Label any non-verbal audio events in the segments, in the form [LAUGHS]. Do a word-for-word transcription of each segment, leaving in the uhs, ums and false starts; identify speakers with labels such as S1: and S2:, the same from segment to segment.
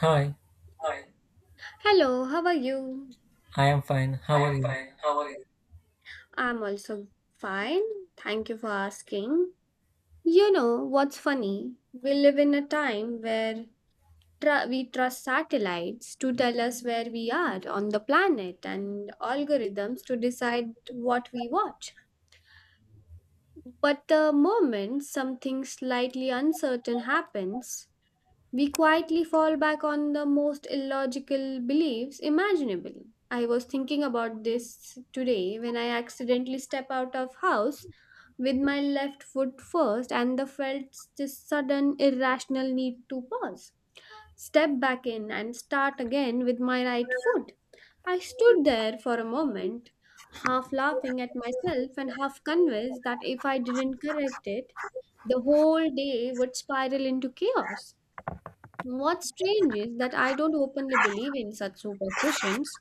S1: Hi, I am fine. How are you?
S2: Something slightly uncertain happens, we quietly fall back on the most illogical beliefs imaginable. I was thinking about this today when I accidentally step out of house with my left foot first and the felt this sudden irrational need to pause, step back in and start again with my right foot. I stood there for a moment, half laughing at myself and half convinced that if I didn't correct it, the whole day would spiral into chaos. What's strange is that I don't openly believe in such superstitions.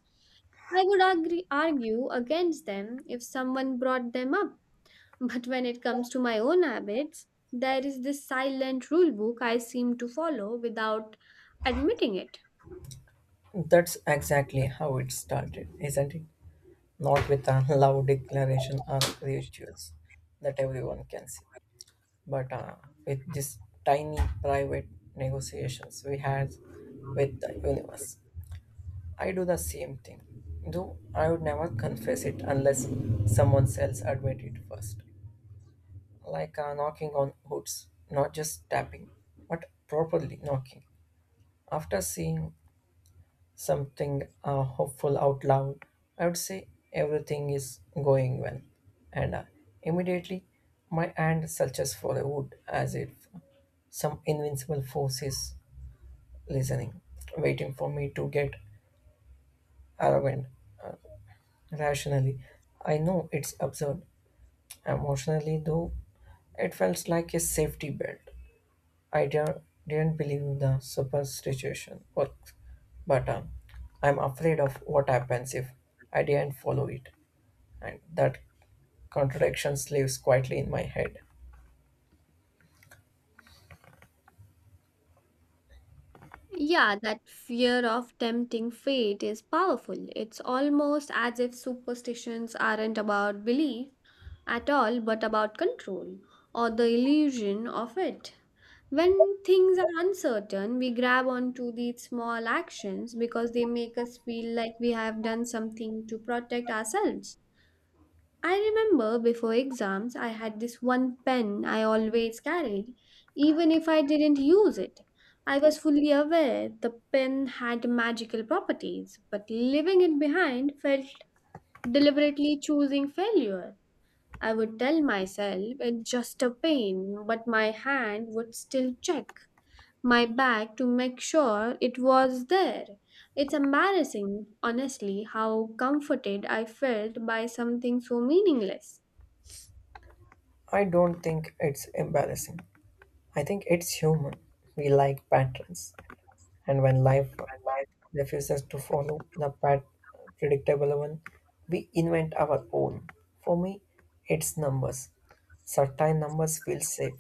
S2: I would agree, argue against them if someone brought them up. [LAUGHS] But when it comes to my own habits, there is this silent rule book I seem to follow without admitting it.
S1: That's exactly how it started, isn't it? Not with a [LAUGHS] loud declaration or rituals that everyone can see, but uh, with these tiny private negotiations we had with the universe. I do the same thing, though I would never confess it unless someone else admit it first. Like uh, knocking on hoods, not just tapping, but properly knocking. After seeing something uh, hopeful out loud, I would say everything is going well. And uh, immediately, my hand searches for the wood as if some invincible force is listening, waiting for me to get arrogant. Rationally, I know it's absurd. Emotionally, though, it felt like a safety belt. I don't, didn't believe in the superstition works, but um, I'm afraid of what happens if I didn't follow it. And that contradiction lives quietly in my head.
S2: Yeah, that fear of tempting fate is powerful. It's almost as if superstitions aren't about belief at all but about control or the illusion of it. When things are uncertain, we grab onto these small actions because they make us feel like we have done something to protect ourselves. I remember before exams, I had this one pen I always carried, even if I didn't use it. I was fully aware the pen had magical properties, but leaving it behind felt deliberately choosing failure. I would tell myself it's just a pain, but my hand would still check my bag to make sure it was there. It's embarrassing, honestly, how comforted I felt by something so meaningless.
S1: I don't think it's embarrassing. I think it's human. We like patterns, and when life refuses to follow the pat- predictable one, we invent our own. For me, it's numbers. Certain numbers feel safe,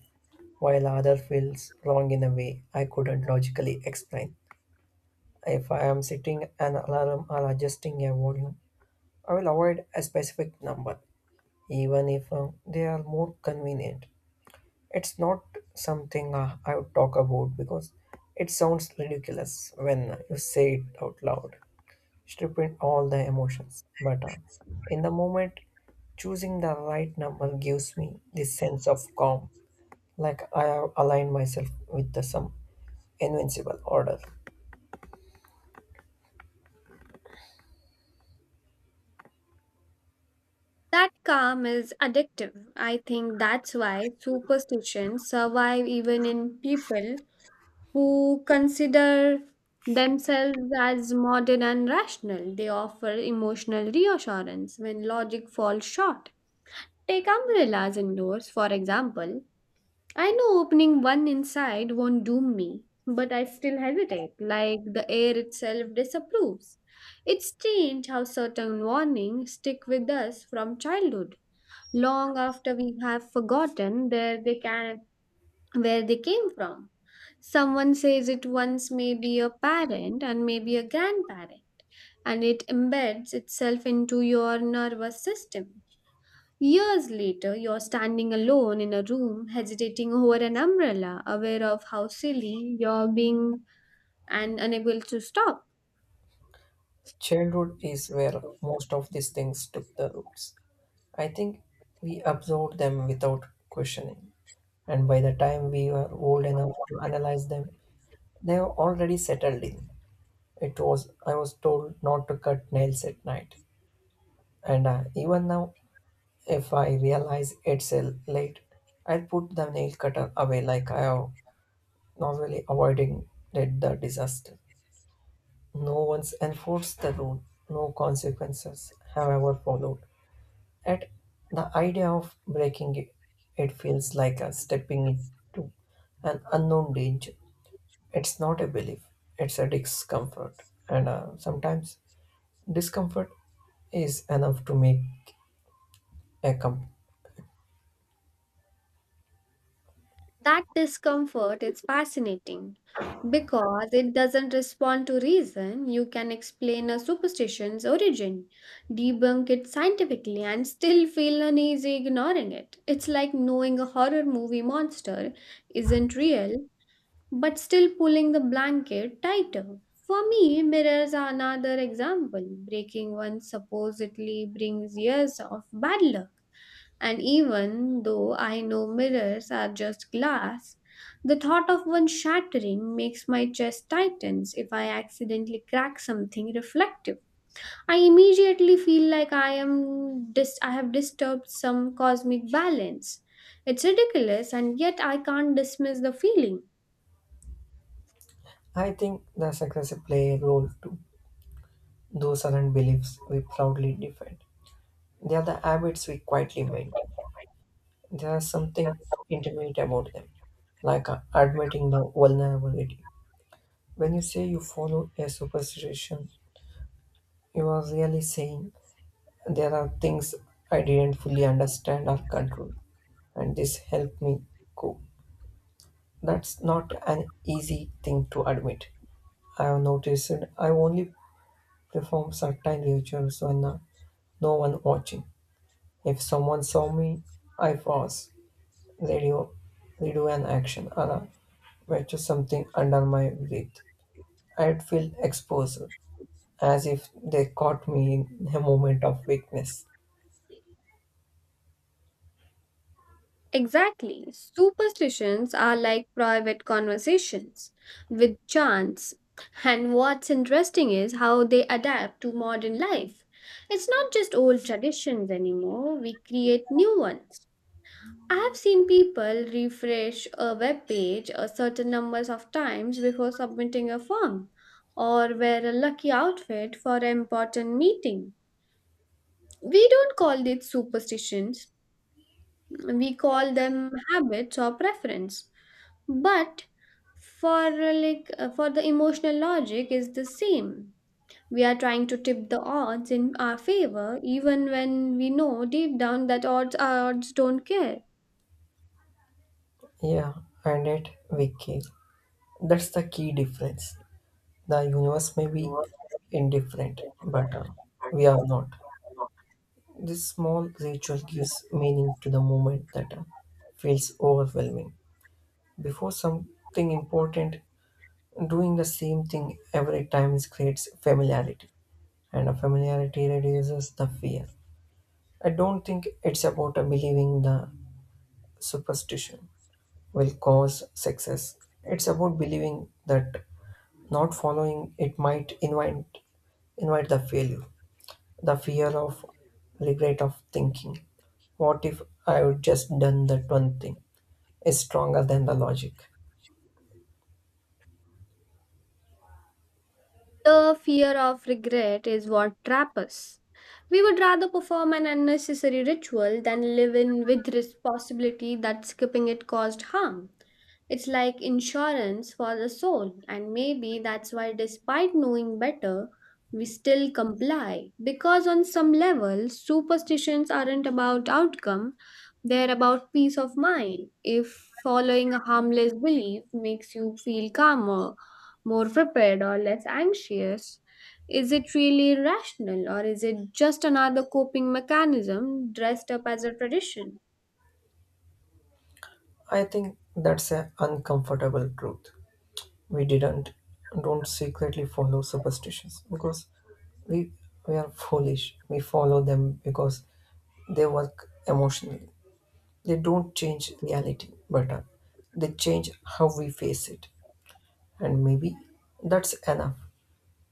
S1: while other feels wrong in a way I couldn't logically explain. If I am setting an alarm or adjusting a volume, I will avoid a specific number even if uh, they are more convenient. It's not something uh, I would talk about because it sounds ridiculous when you say it out loud, stripping all the emotions. But uh, in the moment, choosing the right number gives me this sense of calm, like I have aligned myself with the some invincible order.
S2: That calm is addictive. I think that's why superstitions survive even in people who consider themselves as modern and rational. They offer emotional reassurance when logic falls short. Take umbrellas indoors, for example. I know opening one inside won't doom me, but I still hesitate, like the air itself disapproves. It's strange how certain warnings stick with us from childhood, long after we have forgotten where they can where they came from. Someone says it once may be a parent and maybe a grandparent, and it embeds itself into your nervous system. Years later, you're standing alone in a room, hesitating over an umbrella, aware of how silly you're being and unable to stop.
S1: Childhood is where most of these things took the roots. I think we absorb them without questioning, and by the time we were old enough to analyze them, they were already settled in. It was I was told not to cut nails at night, and uh, even now, if I realize it's uh, late, I'll put the nail cutter away like I have normally avoiding did the disaster. No one's enforced the rule. No consequences have ever followed. At the idea of breaking it, it feels like a stepping into an unknown danger. It's not a belief, it's a discomfort. And uh, sometimes discomfort is enough to make a company.
S2: That discomfort is fascinating because it doesn't respond to reason. You can explain a superstition's origin, debunk it scientifically, and still feel uneasy ignoring it. It's like knowing a horror movie monster isn't real but still pulling the blanket tighter. For me, mirrors are another example. Breaking one supposedly brings years of bad luck. And even though I know mirrors are just glass, the thought of one shattering makes my chest tightens if I accidentally crack something reflective. I immediately feel like I am dis- I have disturbed some cosmic balance. It's ridiculous and yet I can't dismiss the feeling.
S1: I think the success play a role too. Those aren't beliefs we proudly defend. They are the habits we quietly maintain. There is something intimate about them, like uh, admitting the vulnerability. When you say you follow a superstition, you were really saying, there are things I didn't fully understand or control, and this helped me cope. That's not an easy thing to admit. I have noticed I only perform certain rituals when uh, no one watching. If someone saw me, I pause, redo, redo an action, or uh, watch something under my breath. I'd feel exposed, as if they caught me in a moment of weakness.
S2: Exactly. Superstitions are like private conversations with chance. And what's interesting is how they adapt to modern life. It's not just old traditions anymore, we create new ones. I have seen people refresh a web page a certain numbers of times before submitting a form or wear a lucky outfit for an important meeting. We don't call it superstitions, we call them habits or preference, but for uh, like uh, for the emotional logic is the same. We are trying to tip the odds in our favor even when we know deep down that odds odds don't care.
S1: Yeah, and it wicked. That's the key difference. The universe may be indifferent, but uh, we are not. This small ritual gives meaning to the moment that uh, feels overwhelming. Before something important, doing the same thing every time is- creates familiarity, and a familiarity reduces the fear. I don't think it's about uh, believing the superstition will cause success. It's about believing that not following it might invite Invite the failure, the fear of regret of thinking. What if I would just done that one thing? Is stronger than the logic.
S2: The fear of regret is what traps us. We would rather perform an unnecessary ritual than live in with this possibility that skipping it caused harm. It's like insurance for the soul, and maybe that's why, despite knowing better, we still comply. Because on some level, superstitions aren't about outcome, they're about peace of mind. If following a harmless belief makes you feel calmer, more prepared or less anxious? Is it really rational or is it just another coping mechanism dressed up as a tradition?
S1: I think that's an uncomfortable truth. We didn't don't secretly follow superstitions because we we are foolish. We follow them because they work emotionally. They don't change reality, but uh, they change how we face it. And maybe that's enough.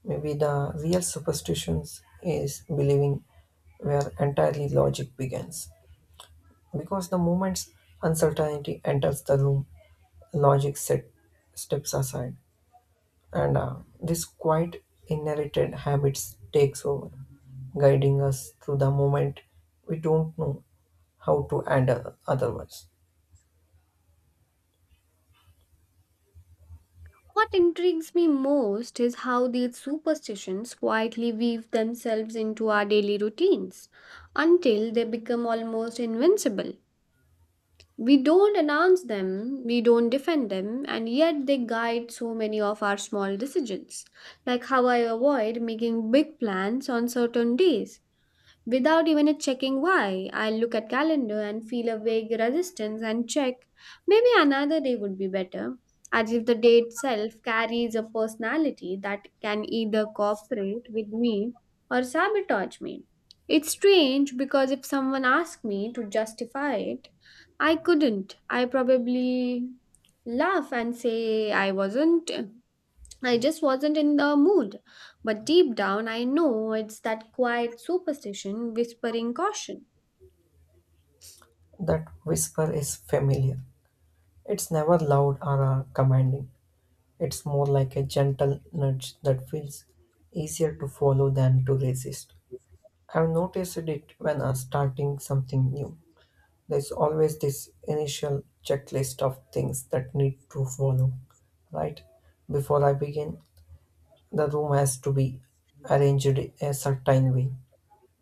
S1: Maybe the real superstitions is believing where entirely logic begins. Because the moment uncertainty enters the room, logic set, steps aside, and uh, this quite inherited habits takes over, guiding us through the moment we don't know how to handle otherwise.
S2: What intrigues me most is how these superstitions quietly weave themselves into our daily routines until they become almost invincible. We don't announce them, we don't defend them, and yet they guide so many of our small decisions, like how I avoid making big plans on certain days. Without even checking why, I look at calendar and feel a vague resistance and check. Maybe another day would be better. As if the day itself carries a personality that can either cooperate with me or sabotage me. It's strange because if someone asked me to justify it, I couldn't. I probably laugh and say I wasn't I just wasn't in the mood. But deep down, I know it's that quiet superstition whispering caution.
S1: That whisper is familiar. It's never loud or uh, commanding. It's more like a gentle nudge that feels easier to follow than to resist. I've noticed it when I'm starting something new. There's always this initial checklist of things that need to follow, right? Before I begin, the room has to be arranged a certain way.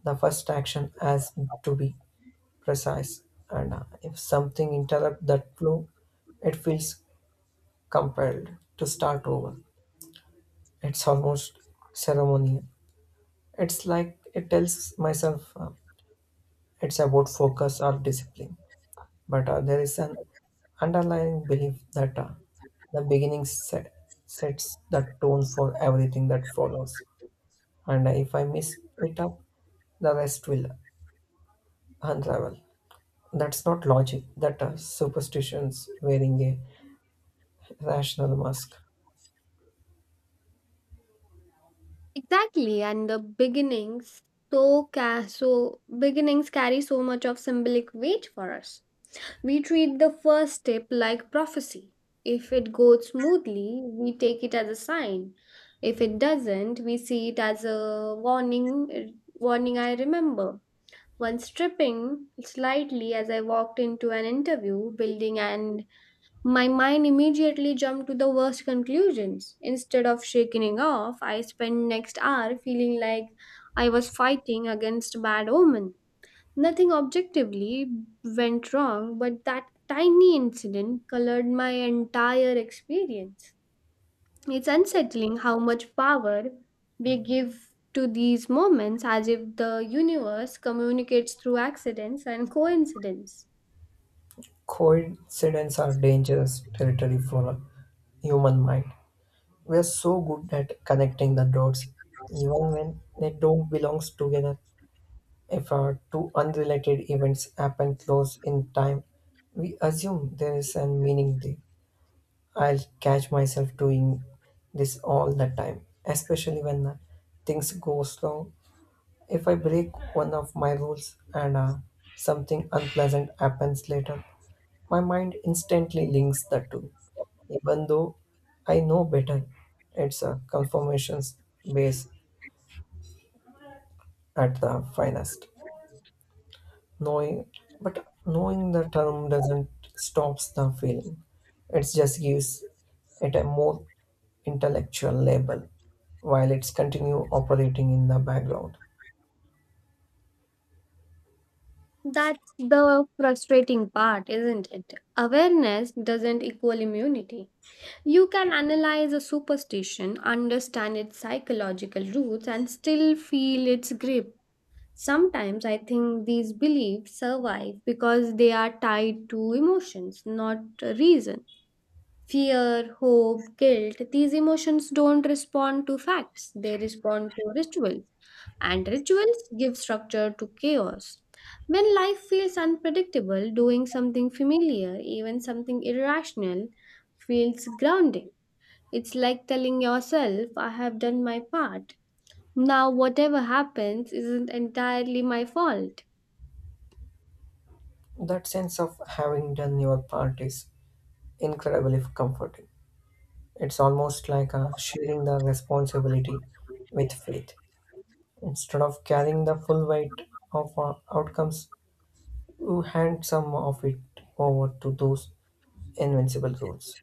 S1: The first action has to be precise, and uh, if something interrupts that flow, it feels compelled to start over. It's almost ceremonial. It's like it tells myself uh, it's about focus or discipline, but uh, there is an underlying belief that uh, the beginning set, sets the tone for everything that follows. And uh, if I miss it up, the rest will unravel. That's not logic, that are superstitions wearing a rational mask.
S2: Exactly, and the beginnings so ca- so beginnings carry so much of symbolic weight for us. We treat the first step like prophecy. If it goes smoothly, we take it as a sign. If it doesn't, we see it as a warning. Warning I remember. Once tripping slightly as I walked into an interview building and my mind immediately jumped to the worst conclusions. Instead of shaking it off, I spent next hour feeling like I was fighting against bad omen. Nothing objectively went wrong, but that tiny incident colored my entire experience. It's unsettling how much power we give to these moments as if the universe communicates through accidents and coincidence.
S1: Coincidence are dangerous territory for a human mind. We are so good at connecting the dots, even when they don't belong together. If uh, two unrelated events happen close in time, we assume there is a meaning there. I'll catch myself doing this all the time, especially when uh, things go slow if I break one of my rules and uh, something unpleasant happens later, my mind instantly links the two. Even though I know better, it's a confirmations base at the finest. Knowing, but knowing the term doesn't stops the feeling. It just gives it a more intellectual label while it's continue operating in the background.
S2: That's the frustrating part, isn't it? Awareness doesn't equal immunity. You can analyze a superstition, understand its psychological roots, and still feel its grip. Sometimes I think these beliefs survive because they are tied to emotions, not reason. Fear, hope, guilt, these emotions don't respond to facts, they respond to rituals and rituals give structure to chaos. When life feels unpredictable, doing something familiar, even something irrational, feels grounding. It's like telling yourself, I have done my part. Now, whatever happens isn't entirely my fault.
S1: That sense of having done your part is incredibly comforting. It's almost like uh, sharing the responsibility with faith. Instead of carrying the full weight of uh, outcomes, you hand some of it over to those invincible rules.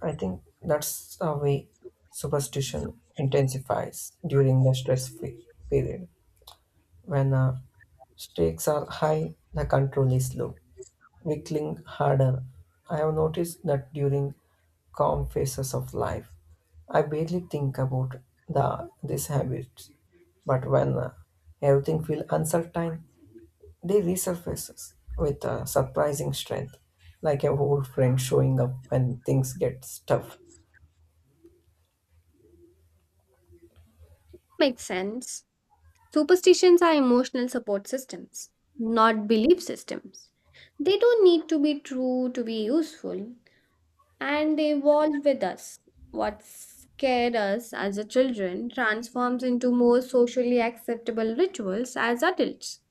S1: I think that's the way superstition intensifies during the stress fe- period. When uh, stakes are high, the control is low. Wickling harder. I have noticed that during calm phases of life, I barely think about the these habits, but when uh, everything feels uncertain, they resurfaces with uh, surprising strength, like a old friend showing up when things get tough.
S2: Makes sense. Superstitions are emotional support systems, not belief systems. They don't need to be true to be useful, and they evolve with us. What scared us as a children transforms into more socially acceptable rituals as adults.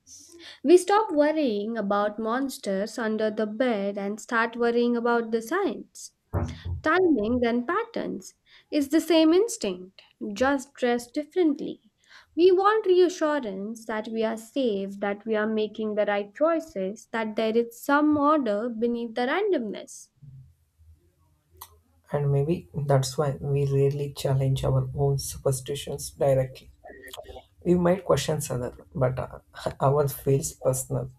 S2: We stop worrying about monsters under the bed and start worrying about the signs, timings, and patterns. It's the same instinct, just dressed differently. We want reassurance that we are safe, that we are making the right choices, that there is some order beneath the randomness.
S1: And maybe that's why we rarely challenge our own superstitions directly. We might question others, but uh, [LAUGHS] ours feels personal.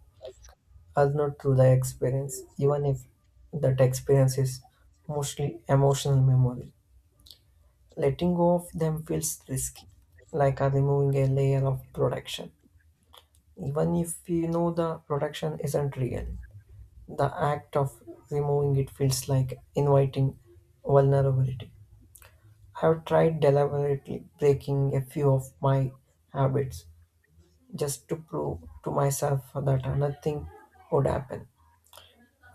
S1: All not through the experience, even if that experience is mostly emotional memory. Letting go of them feels risky, like uh, removing a layer of protection. Even if you know the protection isn't real, the act of removing it feels like inviting vulnerability. I have tried deliberately breaking a few of my habits just to prove to myself that uh, nothing would happen,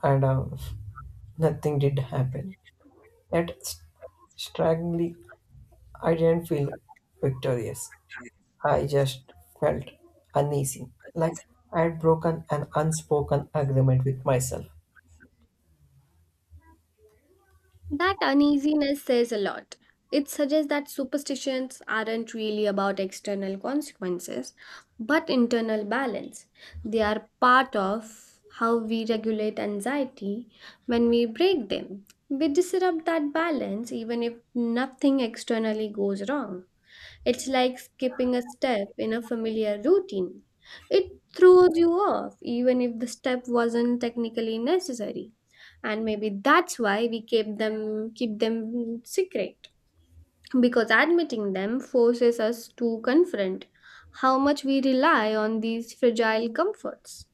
S1: and uh, [LAUGHS] nothing did happen. Yet, st- strangely, I didn't feel victorious. I just felt uneasy, like I had broken an unspoken agreement with myself.
S2: That uneasiness says a lot. It suggests that superstitions aren't really about external consequences, but internal balance. They are part of how we regulate anxiety when we break them. We disrupt that balance even if nothing externally goes wrong. It's like skipping a step in a familiar routine. It throws you off even if the step wasn't technically necessary, and maybe that's why we keep them keep them secret because admitting them forces us to confront how much we rely on these fragile comforts.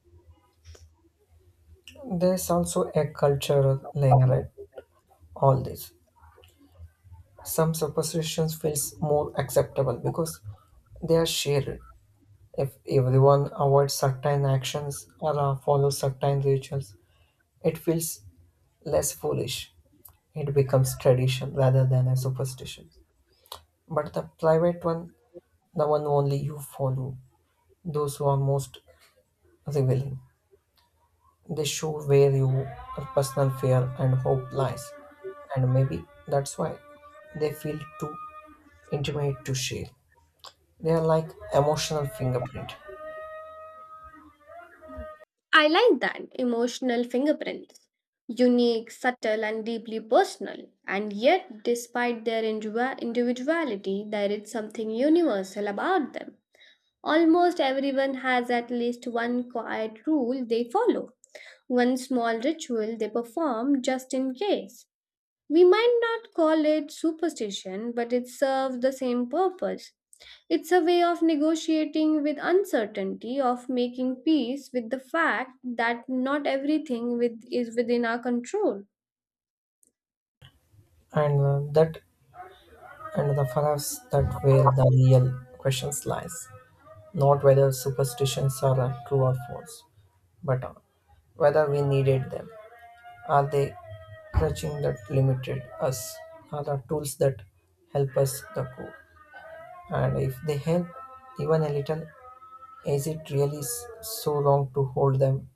S1: There's also a cultural layer at all this. Some superstitions feels more acceptable because they are shared. If everyone avoids certain actions or uh, follows certain rituals, it feels less foolish. It becomes tradition rather than a superstition. But the private one the one only you follow, those who are most revealing. They show where your personal fear and hope lies, and maybe that's why they feel too intimate to share. They are like emotional fingerprint,
S2: I like that emotional fingerprints, unique, subtle, and deeply personal. And yet, despite their individua- individuality, there is something universal about them. Almost everyone has at least one quiet rule they follow, one small ritual they perform just in case. We might not call it superstition, but it serves the same purpose. It's a way of negotiating with uncertainty, of making peace with the fact that not everything with, is within our control.
S1: and uh, that and the for us that where the real questions lies, not whether superstitions are uh, true or false, but uh, whether we needed them. Are they crutching that limited us? Are the tools that help us the core? And if they help even a little, is it really s- so long to hold them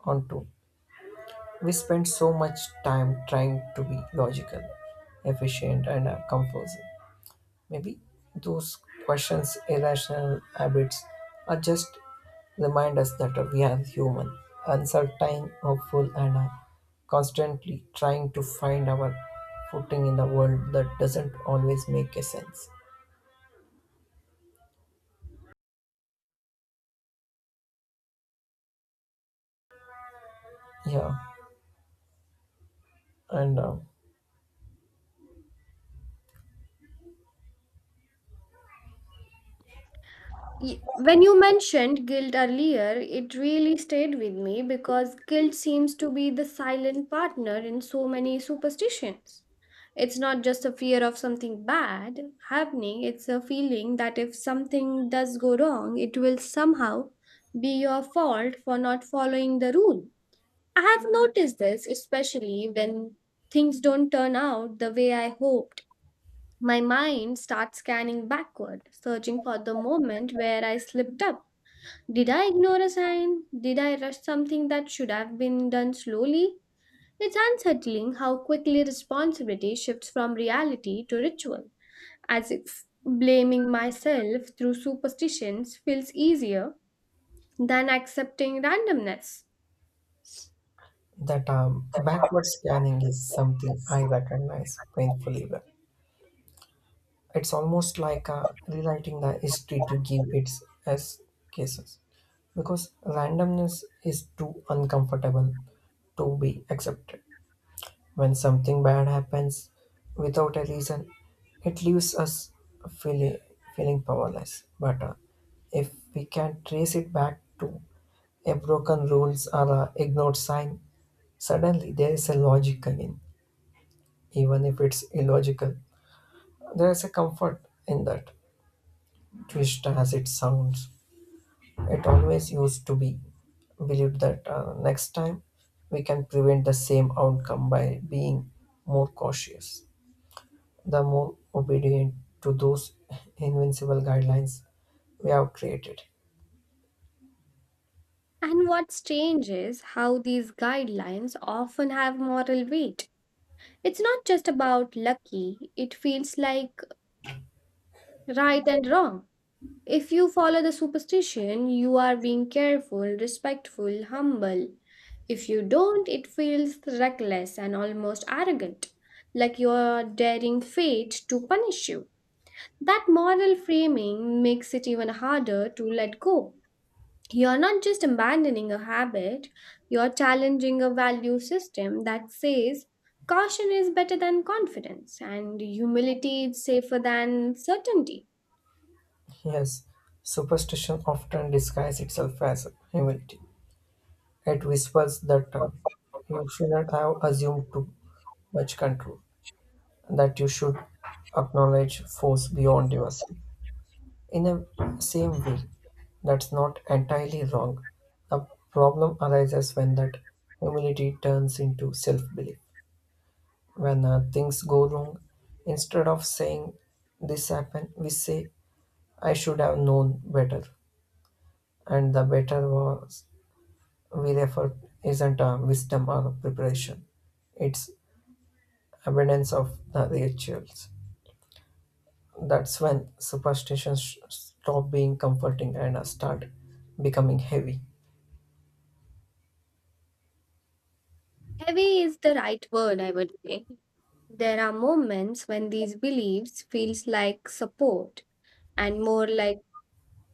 S1: onto? We spend so much time trying to be logical, efficient, and uh, composed. Maybe those questions, irrational habits, are just remind us that uh, we are human, uncertain, hopeful, and uh, constantly trying to find our footing in the world that doesn't always make a sense. Yeah, and. Uh,
S2: Y- When you mentioned guilt earlier, it really stayed with me because guilt seems to be the silent partner in so many superstitions. It's not just a fear of something bad happening, it's a feeling that if something does go wrong, it will somehow be your fault for not following the rule. I have noticed this especially when things don't turn out the way I hoped. My mind starts scanning backward, searching for the moment where I slipped up. Did I ignore a sign? Did I rush something that should have been done slowly? It's unsettling how quickly responsibility shifts from reality to ritual, as if blaming myself through superstitions feels easier than accepting randomness.
S1: That um, backward scanning is something I recognize painfully well. It's almost like uh, rewriting the history to give its as cases because randomness is too uncomfortable to be accepted. When something bad happens without a reason, it leaves us feeling feeling powerless. But uh, if we can trace it back to a broken rules or a ignored sign, suddenly there is a logic again, even if it's illogical. There is a comfort in that. Twist as it sounds, it always used to be believed that uh, next time we can prevent the same outcome by being more cautious. The more obedient to those invincible guidelines we have created.
S2: And what's strange is how these guidelines often have moral weight. It's not just about lucky, it feels like right and wrong. If you follow the superstition, you are being careful, respectful, humble. If you don't, it feels reckless and almost arrogant, like you're daring fate to punish you. That moral framing makes it even harder to let go. You're not just abandoning a habit, you're challenging a value system that says caution is better than confidence and humility is safer than certainty.
S1: Yes, superstition often disguises itself as humility. It whispers that uh, you should not have assumed too much control. That you should acknowledge force beyond yourself. In the same way, that's not entirely wrong. The problem arises when that humility turns into self belief. When uh, things go wrong, instead of saying this happened, we say I should have known better. And the better was we refer isn't a wisdom or a preparation, it's abundance of the rituals. That's when superstitions stop being comforting and start becoming heavy.
S2: Heavy is the right word, I would say. There are moments when these beliefs feels like support and more like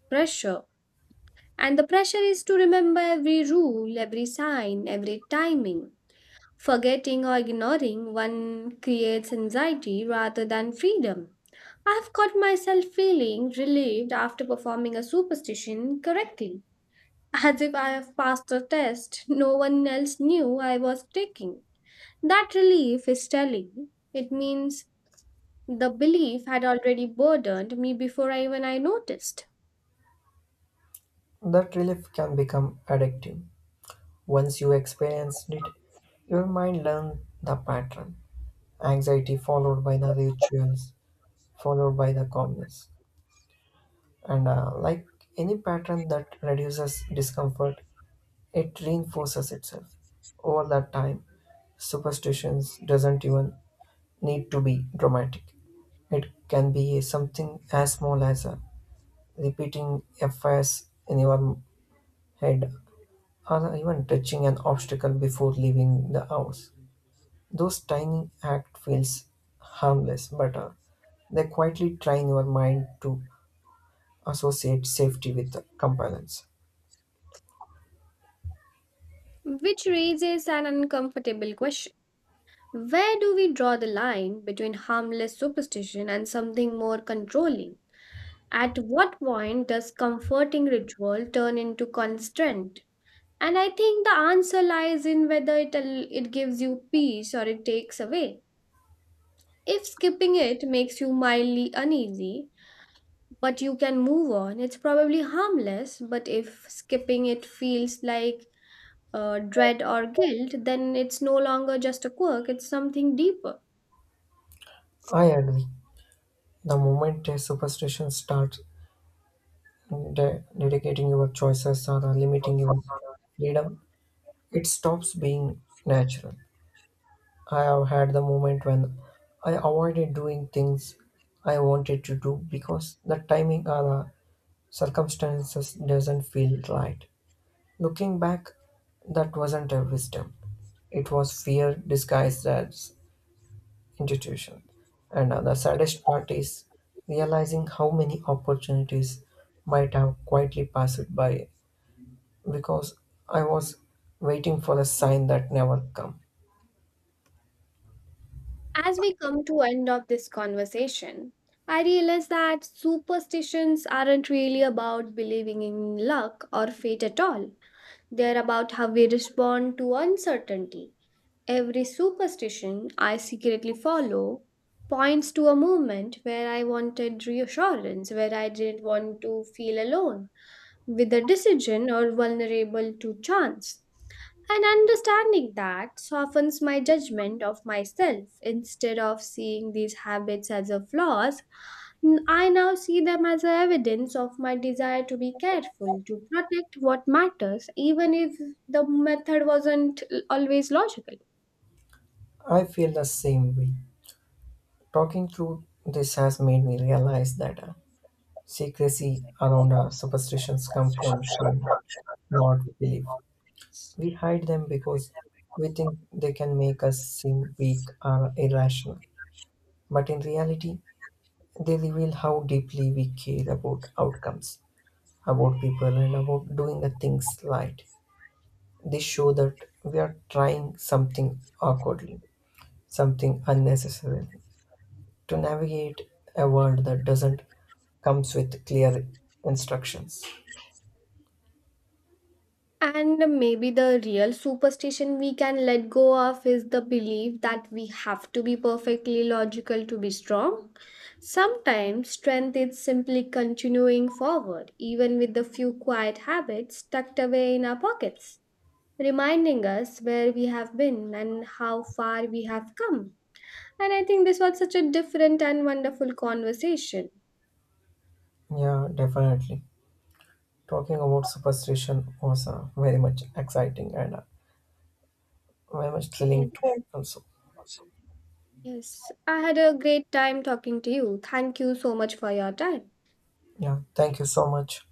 S2: pressure. And the pressure is to remember every rule, every sign, every timing. Forgetting or ignoring one creates anxiety rather than freedom. I've caught myself feeling relieved after performing a superstition correctly, as if I have passed a test no one else knew I was taking. That relief is telling. It means the belief had already burdened me before I even I noticed.
S1: That relief can become addictive. Once you experience it, your mind learns the pattern. Anxiety followed by the rituals, followed by the calmness. And uh, like any pattern that reduces discomfort, it reinforces itself. Over that time, superstitions doesn't even need to be dramatic. It can be something as small as a repeating a phrase in your head, or even touching an obstacle before leaving the house. Those tiny act feels harmless, but uh, they quietly train your mind to associate safety with compliance.
S2: Which raises an uncomfortable question. Where do we draw the line between harmless superstition and something more controlling? At what point does comforting ritual turn into constraint? And I think the answer lies in whether it, al- it gives you peace or it takes away. If skipping it makes you mildly uneasy, but you can move on. It's probably harmless, but if skipping it feels like uh, dread or guilt, then it's no longer just a quirk, it's something deeper.
S1: I agree. The moment a superstition starts de- dedicating your choices or uh, limiting your freedom, it stops being natural. I have had the moment when I avoided doing things I wanted to do because the timing or the circumstances doesn't feel right. Looking back, that wasn't a wisdom. It was fear disguised as intuition. And the saddest part is realizing how many opportunities might have quietly passed by because I was waiting for a sign that never come.
S2: As we come to end of this conversation, I realize that superstitions aren't really about believing in luck or fate at all. They're about how we respond to uncertainty. Every superstition I secretly follow points to a moment where I wanted reassurance, where I didn't want to feel alone with a decision or vulnerable to chance. And understanding that softens my judgment of myself. Instead of seeing these habits as a flaws, N- I now see them as a evidence of my desire to be careful, to protect what matters, even if the method wasn't l- always logical.
S1: I feel the same way. Talking through this has made me realize that uh, secrecy around our superstitions come from shame, not belief. We hide them because we think they can make us seem weak or irrational. But in reality, they reveal how deeply we care about outcomes, about people, and about doing the things right. They show that we are trying something awkwardly, something unnecessarily, to navigate a world that doesn't comes with clear instructions.
S2: And maybe the real superstition we can let go of is the belief that we have to be perfectly logical to be strong. Sometimes strength is simply continuing forward, even with the few quiet habits tucked away in our pockets, reminding us where we have been and how far we have come. And I think this was such a different and wonderful conversation.
S1: Yeah, definitely. Talking about superstition was uh, very much exciting and uh, very much thrilling
S2: Yes.
S1: too. Also,
S2: Yes. I had a great time talking to you. Thank you so much for your time.
S1: yeah. Thank you so much.